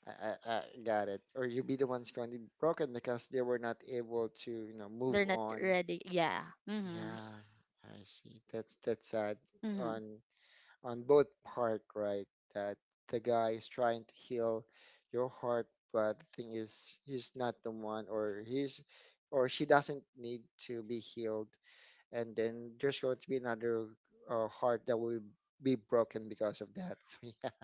I, I got it. Or you'll be the ones currently broken because they were not able to,
they're
move
not
on.
ready, yeah.
Mhm.
Yeah, I see. That's sad
Mhm.
on on both part, right? That the guy is trying to heal your heart, but the thing is, he's not the one, or she doesn't need to be healed, and then there's going to be another heart that will be broken because of that. So yeah,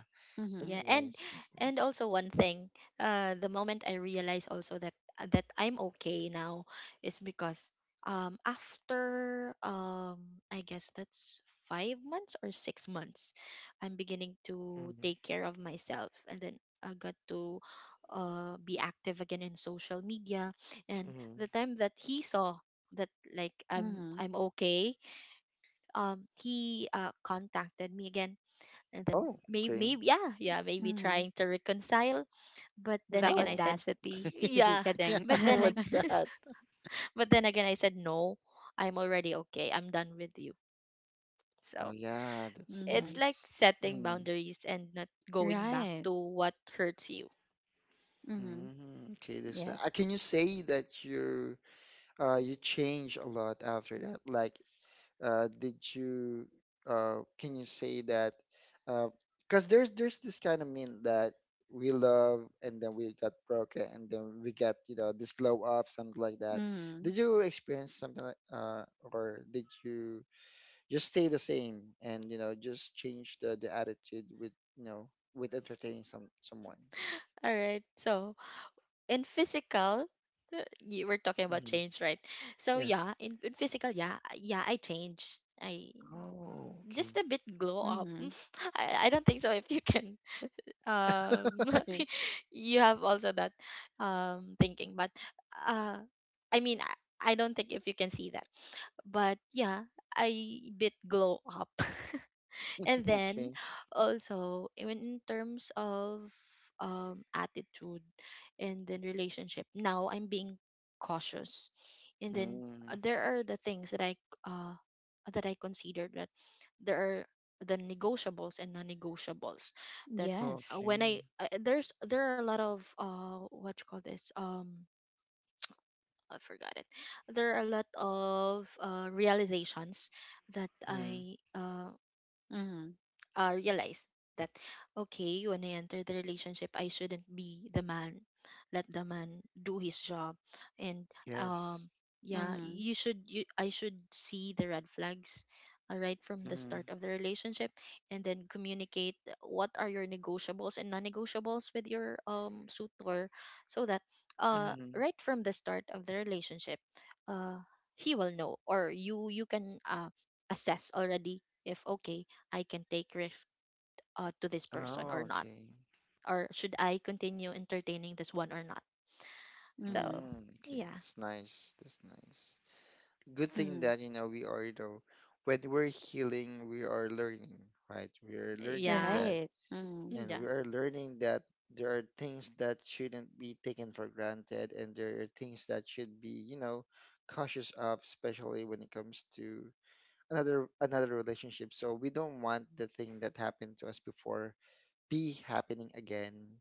Yeah,
Mhm.
that's
and
nice. That's nice.
also one thing, the moment I realize also that that I'm okay now is because after I guess that's 5 months or 6 months, I'm beginning to
Mm-hmm.
take care of myself, and then I got to be active again in social media, and the time that he saw that, like,
Mhm.
I'm okay, he contacted me again, and then
Oh,
maybe,
okay.
maybe, yeah, yeah, maybe
Mhm.
trying to reconcile, but then
The
again, I
Oh,
said,
audacity.
okay.
yeah,
Yeah,
Kidding.
but then I,
what's that?
but then again I said no, I'm already okay, I'm done with you. So
Oh, yeah, that's
it's like
Mhm.
nice.
setting
Mm-hmm.
boundaries and not going back
Right.
to what hurts you.
Mhm.
Mm-hmm. Okay, this that.
Yes.
Can you say that you change a lot after that? Like, did you can you say that uh because there's this kind of meme that we love and then we got broken and then we get this glow up, something like that.
Mhm.
Did you experience something like or did you? Just stay the same and just change the attitude with with entertaining someone.
All right, so in physical, you were talking about
Hmm.
change, right? So
Yes.
yeah, in physical, yeah, yeah, I changed, I
Oh, okay.
just a bit glow up.
Mhm.
I don't think so if you can um you have also that thinking, but uh I mean, I don't think if you can see that, but yeah, I bit glow up. And then
Okay.
also, even in terms of attitude and then relationship, now I'm being cautious. And then
Mm.
there are the things uh that I consider, that there are the negotiables and non-negotiables, that
Yes.
when I
Okay.
there's, there are a lot of what you call this I forgot it. There are a lot of realizations that
Mm.
I
Mhm.
realized that, okay, when I entered the relationship, I shouldn't be the man, let the man do his job, and um
Yes.
yeah,
Mhm.
you should you I should see the red flags right from the start
Mm.
of the relationship, and then communicate what are your negotiables and non-negotiables with your suitor, so that
Mm.
right from the start of the relationship, uh he will know, or you can assess already if, okay, I can take risk, to this person or
Oh,
not,
okay.
or should I continue entertaining this one or not? So
Mhm.
Mm. Okay.
yeah,
That's nice. That's nice. Good thing
Mhm.
that we are, though. When we're healing we are learning, right? We are learning
yeah,
that,
Right. Mhm.
and
yeah,
we are learning that there are things that shouldn't be taken for granted, and there are things that should be, cautious of, especially when it comes to another relationship, so we don't want the thing that happened to us before be happening again.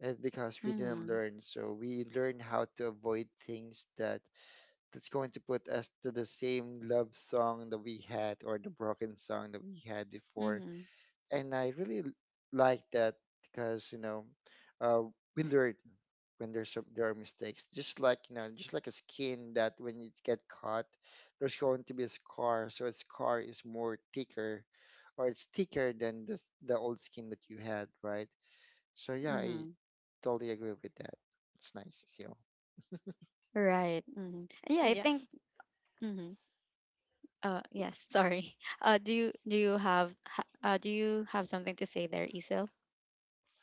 And because we didn't
Mhm.
learn, so we learn how to avoid things that's going to put us to the same love song that we had or the broken song that we had before.
Mhm.
And I really like that, because uh, we learn when there are mistakes. Just like, just like a skin that when it get caught, there's going to be a scar. So a scar is more thicker, or it's thicker than the old skin that you had, right? So yeah, I
Mhm.
totally agree with that. It's nice, Seal.
Right. Mhm. Yeah,
yeah.
I think. Mhm. Yes, sorry. Do you have something to say there, Isil?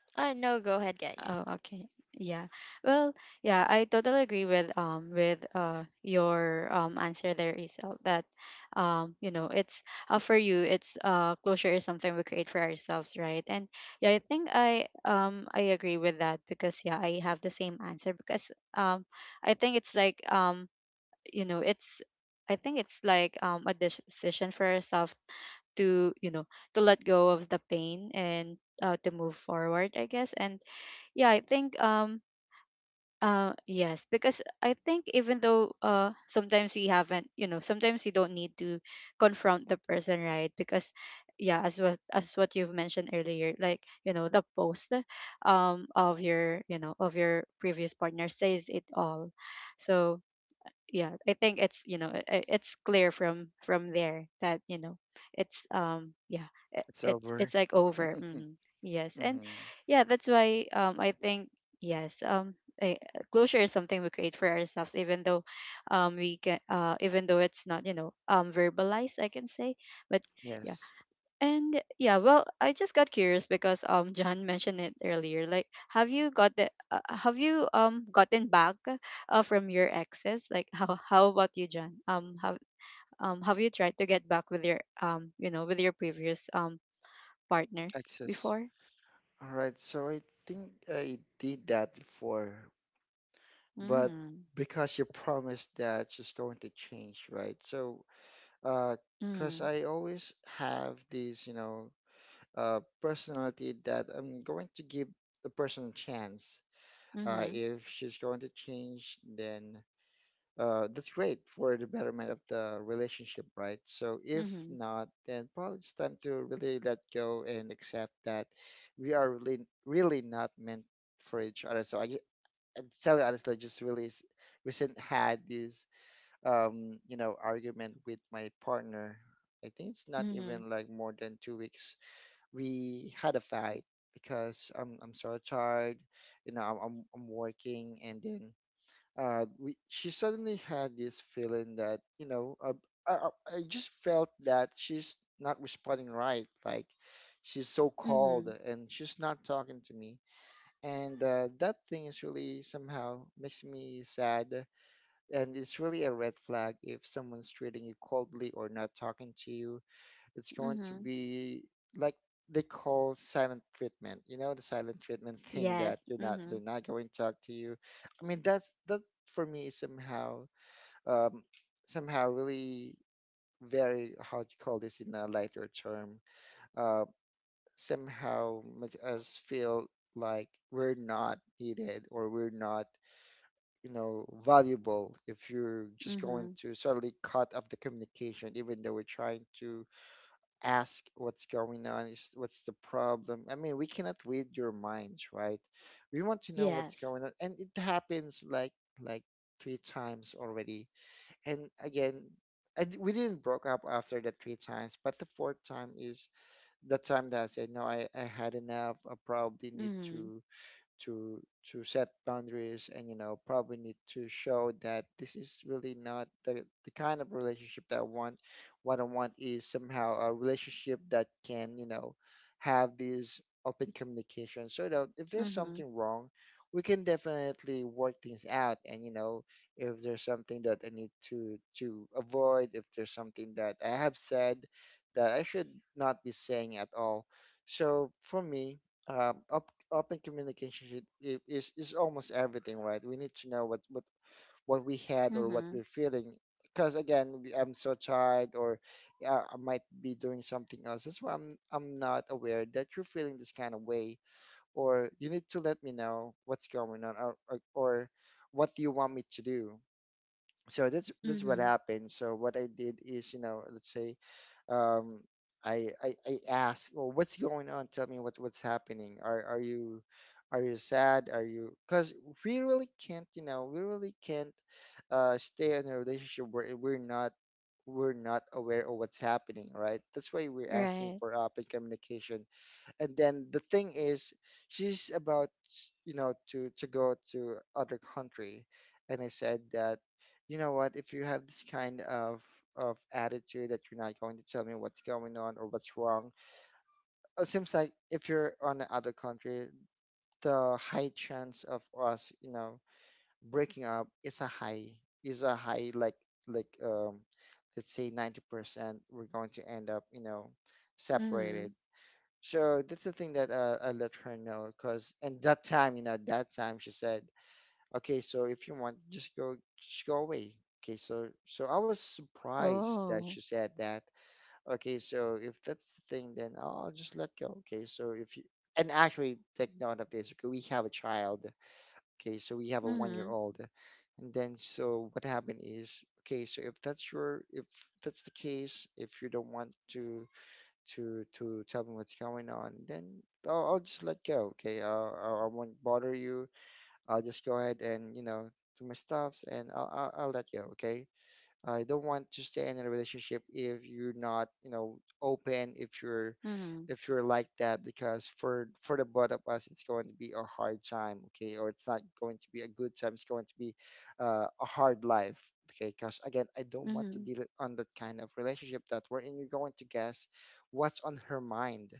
No, go ahead, guys.
Oh, okay. Yeah. Well, yeah, I totally agree with your answer there, Isel, that, it's, for you, it's closure is something we create for ourselves, right? And yeah, I think I agree with that, because yeah, I have the same answer, because I think it's like, you know, it's I think it's like a decision for ourselves to to let go of the pain and, to move forward, I guess. And yeah, I think yes, because I think, even though sometimes we haven't, sometimes you don't need to confront the person, right? Because yeah, as what you've mentioned earlier, like, the post of your previous partner says it all. So yeah, I think it's you know I- it's clear from there, that it's, yeah, it,
It's
it
over.
it's like over hmm Yes,
Hmm.
and yeah, that's why, I think, yes, I, closure is something we create for ourselves, even though we can even though it's not, verbalized, I can say. But yeah,
Yes,
and yeah, well, I just got curious because John mentioned it earlier. Like, have you gotten back, from your exes? Like, how about you, John? Have you tried to get back with your you know with your previous partner
access.
before?
All right, so I think I did that before, but
Mm.
because you promised that she's going to change, right? So because
Mm.
I always have these, personality that I'm going to give the person a chance.
Mhm.
If she's going to change, then that's great for the betterment of the relationship, right? So if
Mhm.
not, then probably it's time to really let go and accept that we are really, really not meant for each other. And tell you honestly, I just really recent had this argument with my partner. I think it's not
Mhm.
even like more than 2 weeks. We had a fight because I'm so tired, I'm I'm working. And then we she suddenly had this feeling that, I I just felt that she's not responding right, like she's so cold
Mhm.
and she's not talking to me. And that thing is really somehow makes me sad, and it's really a red flag. If someone's treating you coldly or not talking to you, it's going to
Mhm.
be like they call silent treatment, the silent treatment thing, that
Yes.
you're not they're
Mhm.
not going to talk to you. I mean, that's for me is somehow, um somehow really very, how do you call this in a lighter term, uh somehow make us feel like we're not needed or we're not valuable, if you're just going
Mhm.
to suddenly cut off the communication, even though we're trying to ask what's going on, what's the problem. I mean, we cannot read your minds, right? We want to know what's
Yes.
going on, and it happens like, like three times already. And again, I d we didn't broke up after the three times, but the fourth time is that time that I said, no, I had enough. I probably need
Mhm.
to to set boundaries, and probably need to show that this is really not the kind of relationship that I want. What I want is somehow a relationship that can, have this open communication, so that if there's
Mhm.
something wrong, we can definitely work things out. And if there's something that I need to avoid, if there's something that I have said that I should not be saying at all. So for me, op open communication should, I- is almost everything, right? We need to know what we had or what
Mhm.
we're feeling, because again, I'm so tired, or I might be doing something else. That's why I'm not aware that you're feeling this kind of way, or you need to let me know what's going on, or what do you want me to do? So that's what
Mhm.
happened. So what I did is, let's say, um, I asked, well, what's going on? Tell me what's happening. Are you sad? Are you? Because we really can't, you know, we really can't stay in a relationship where we're not aware of what's happening, right? That's why we're asking
Right.
for open communication. And then the thing is, she's about, to go to other country, and I said that, you know what, if you have this kind of attitude that you're not going to tell me what's going on or what's wrong, it seems like if you're on another country, the high chance of us breaking up is a high, like, like um let's say 90%, we're going to end up separated.
Mhm.
So that's the thing that, I let her know, cause and that time, that time she said, "Okay, so if you want, just go away." Okay, so, I was surprised that
Oh.
she said that. Okay, so if that's the thing, then I'll just let go. Okay, so if you and actually take note of this. Okay, we have a child. Okay, so we have a
Mhm.
1-year-old, and then so what happened is, okay, so if that's the case, if you don't want to tell me what's going on, then I'll just let go. Okay, I will not bother you. I'll just go ahead and do my stuffs, and I'll let go. Okay, I don't want to stay in a relationship if you're not, open, if you're
Mhm.
if you're like that, because for the both of us, it's going to be a hard time, okay? Or it's not going to be a good time. It's going to be, a hard life, okay? Because again, I don't want to
Mhm.
deal on that kind of relationship that we're in. You're going to guess what's on her mind.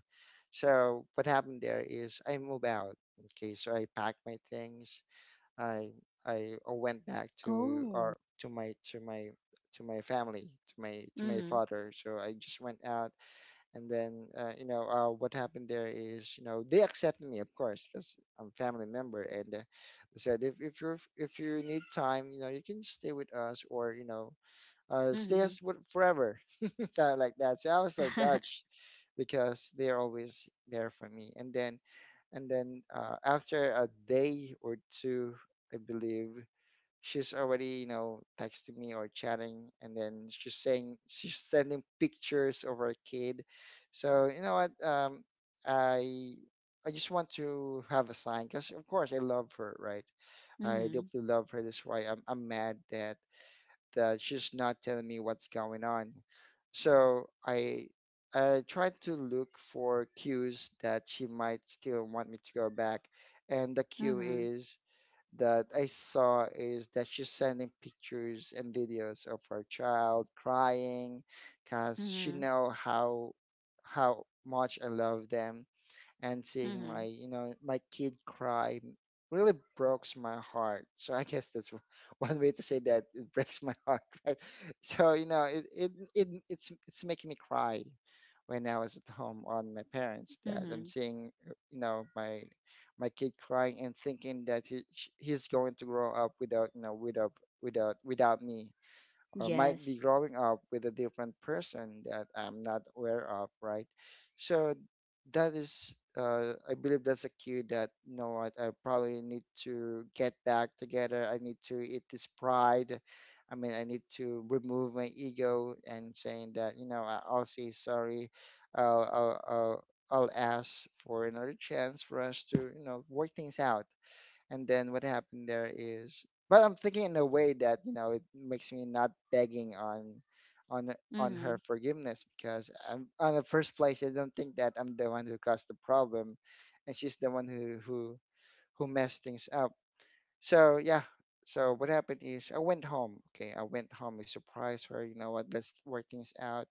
So what happened there is, I move out, okay? So I pack my things. I I went back to
Oh.
our to my to my to my family, to my
Mhm.
father. So I just went out, and then what happened there is, they accepted me, of course, because I'm family member. And they said, if you are if you need time, you can stay with us, or stay
Mhm.
us forever, something like that. So I was so touched because they're always there for me. And then, after a day or two, I believe she's already, texting me or chatting, and then she's saying, she's sending pictures of her kid. So, you know what, I I just want to have a sign, because of course I love her, right? I
Mhm.
deeply love her. That's why I'm mad that she's not telling me what's going on. So I tried to look for cues that she might still want me to go back, and the cue
Mhm.
is that I saw is that she's sending pictures and videos of her child crying, cause she
Mhm.
know how much I love them, and seeing my
Mhm.
you know my kid cry really breaks my heart. So I guess that's, one way to say that, it breaks my heart, right? So it's making me cry, when I was at home on my parents, that I'm
Mhm.
seeing, my kid crying, and thinking that he's going to grow up without me, or might be
Yes.
growing up with a different person that I'm not aware of, right? So I believe that's a cue that, you know what, I probably need to get back together. I need to eat this pride. I mean, I need to remove my ego, and saying that, I'll say sorry. I'll ask for another chance for us to, work things out. And then, what happened there is but I'm thinking in a way that, it makes me not begging on on her
Mhm.
forgiveness, because I'm, on the first place, I don't think that I'm the one who caused the problem, and she's the one who messed things up. So yeah, so what happened is, I went home. Okay, I went home, I surprised her. You know what, let's work things out.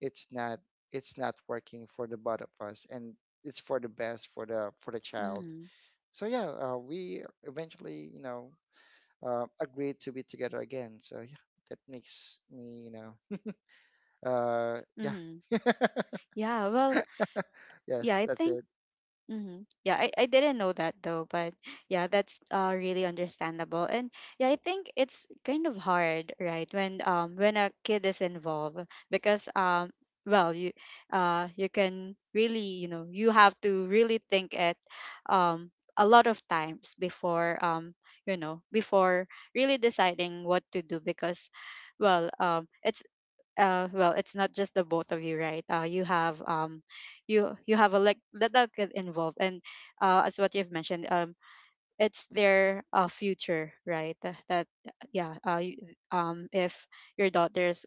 it's not it's not working for the both of us, and it's for the best, for the child.
Mhm.
So yeah, we eventually, agreed to be together again. So yeah, that makes me, uh, yeah,
Mhm. Yeah, well, yeah,
yes,
I
that's
think.
it.
Mm-hmm. Yeah, I didn't know that, though. But yeah, that's really understandable. And yeah, I think it's kind of hard, right, when a kid is involved, because well you you can really you know you have to really think it, um a lot of times before, you know before really deciding what to do. Because, well, it's not just the both of you, right? You have a, like, that, that get involved. And, as what you've mentioned, it's their, future, right? That, that yeah uh you, um if your daughter's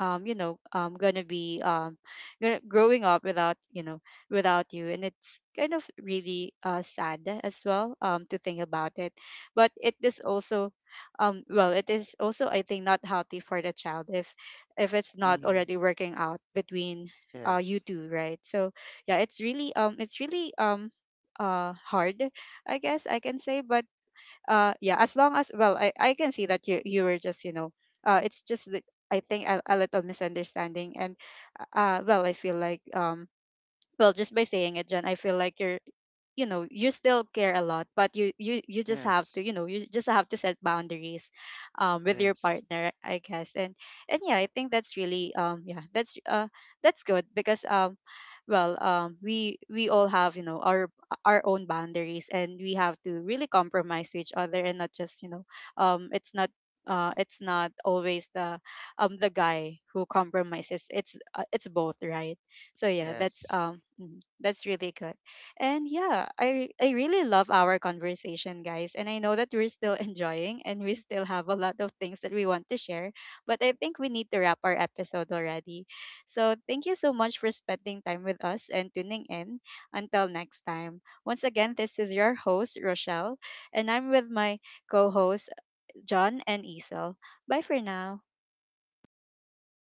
um you know um gonna be um growing up without you, and it's kind of really, sad as well, to think about it. But it is also, well, it is also, I think, not healthy for the child, if it's not
Mm,
already working out between, you
yes,
two, right? So yeah, it's really hard, I guess, I can say. But, yeah, as long as, well, I can see that you were just, it's just that I think a, little misunderstanding. And, well, I feel like, well, just by saying it, John, I feel like you're, you still care a lot, but
yes,
you just have to set boundaries, with your
yes,
partner, I guess. And yeah, I think that's really, yeah, that's good, because, well, we all have, our own boundaries, and we have to really compromise to each other, and not just, um it's not it's not always the, the guy who compromises. It's it's both, right? So yeah, that's,
yes,
that's really good. And yeah, I really love our conversation, guys. And I know that we're still enjoying, and we still have a lot of things that we want to share, but I think we need to wrap our episode already. So, thank you so much for spending time with us and tuning in. Until next time. Once again, this is your host, Rochelle, and I'm with my co-hosts, John and Isel. Bye for now.
Bye,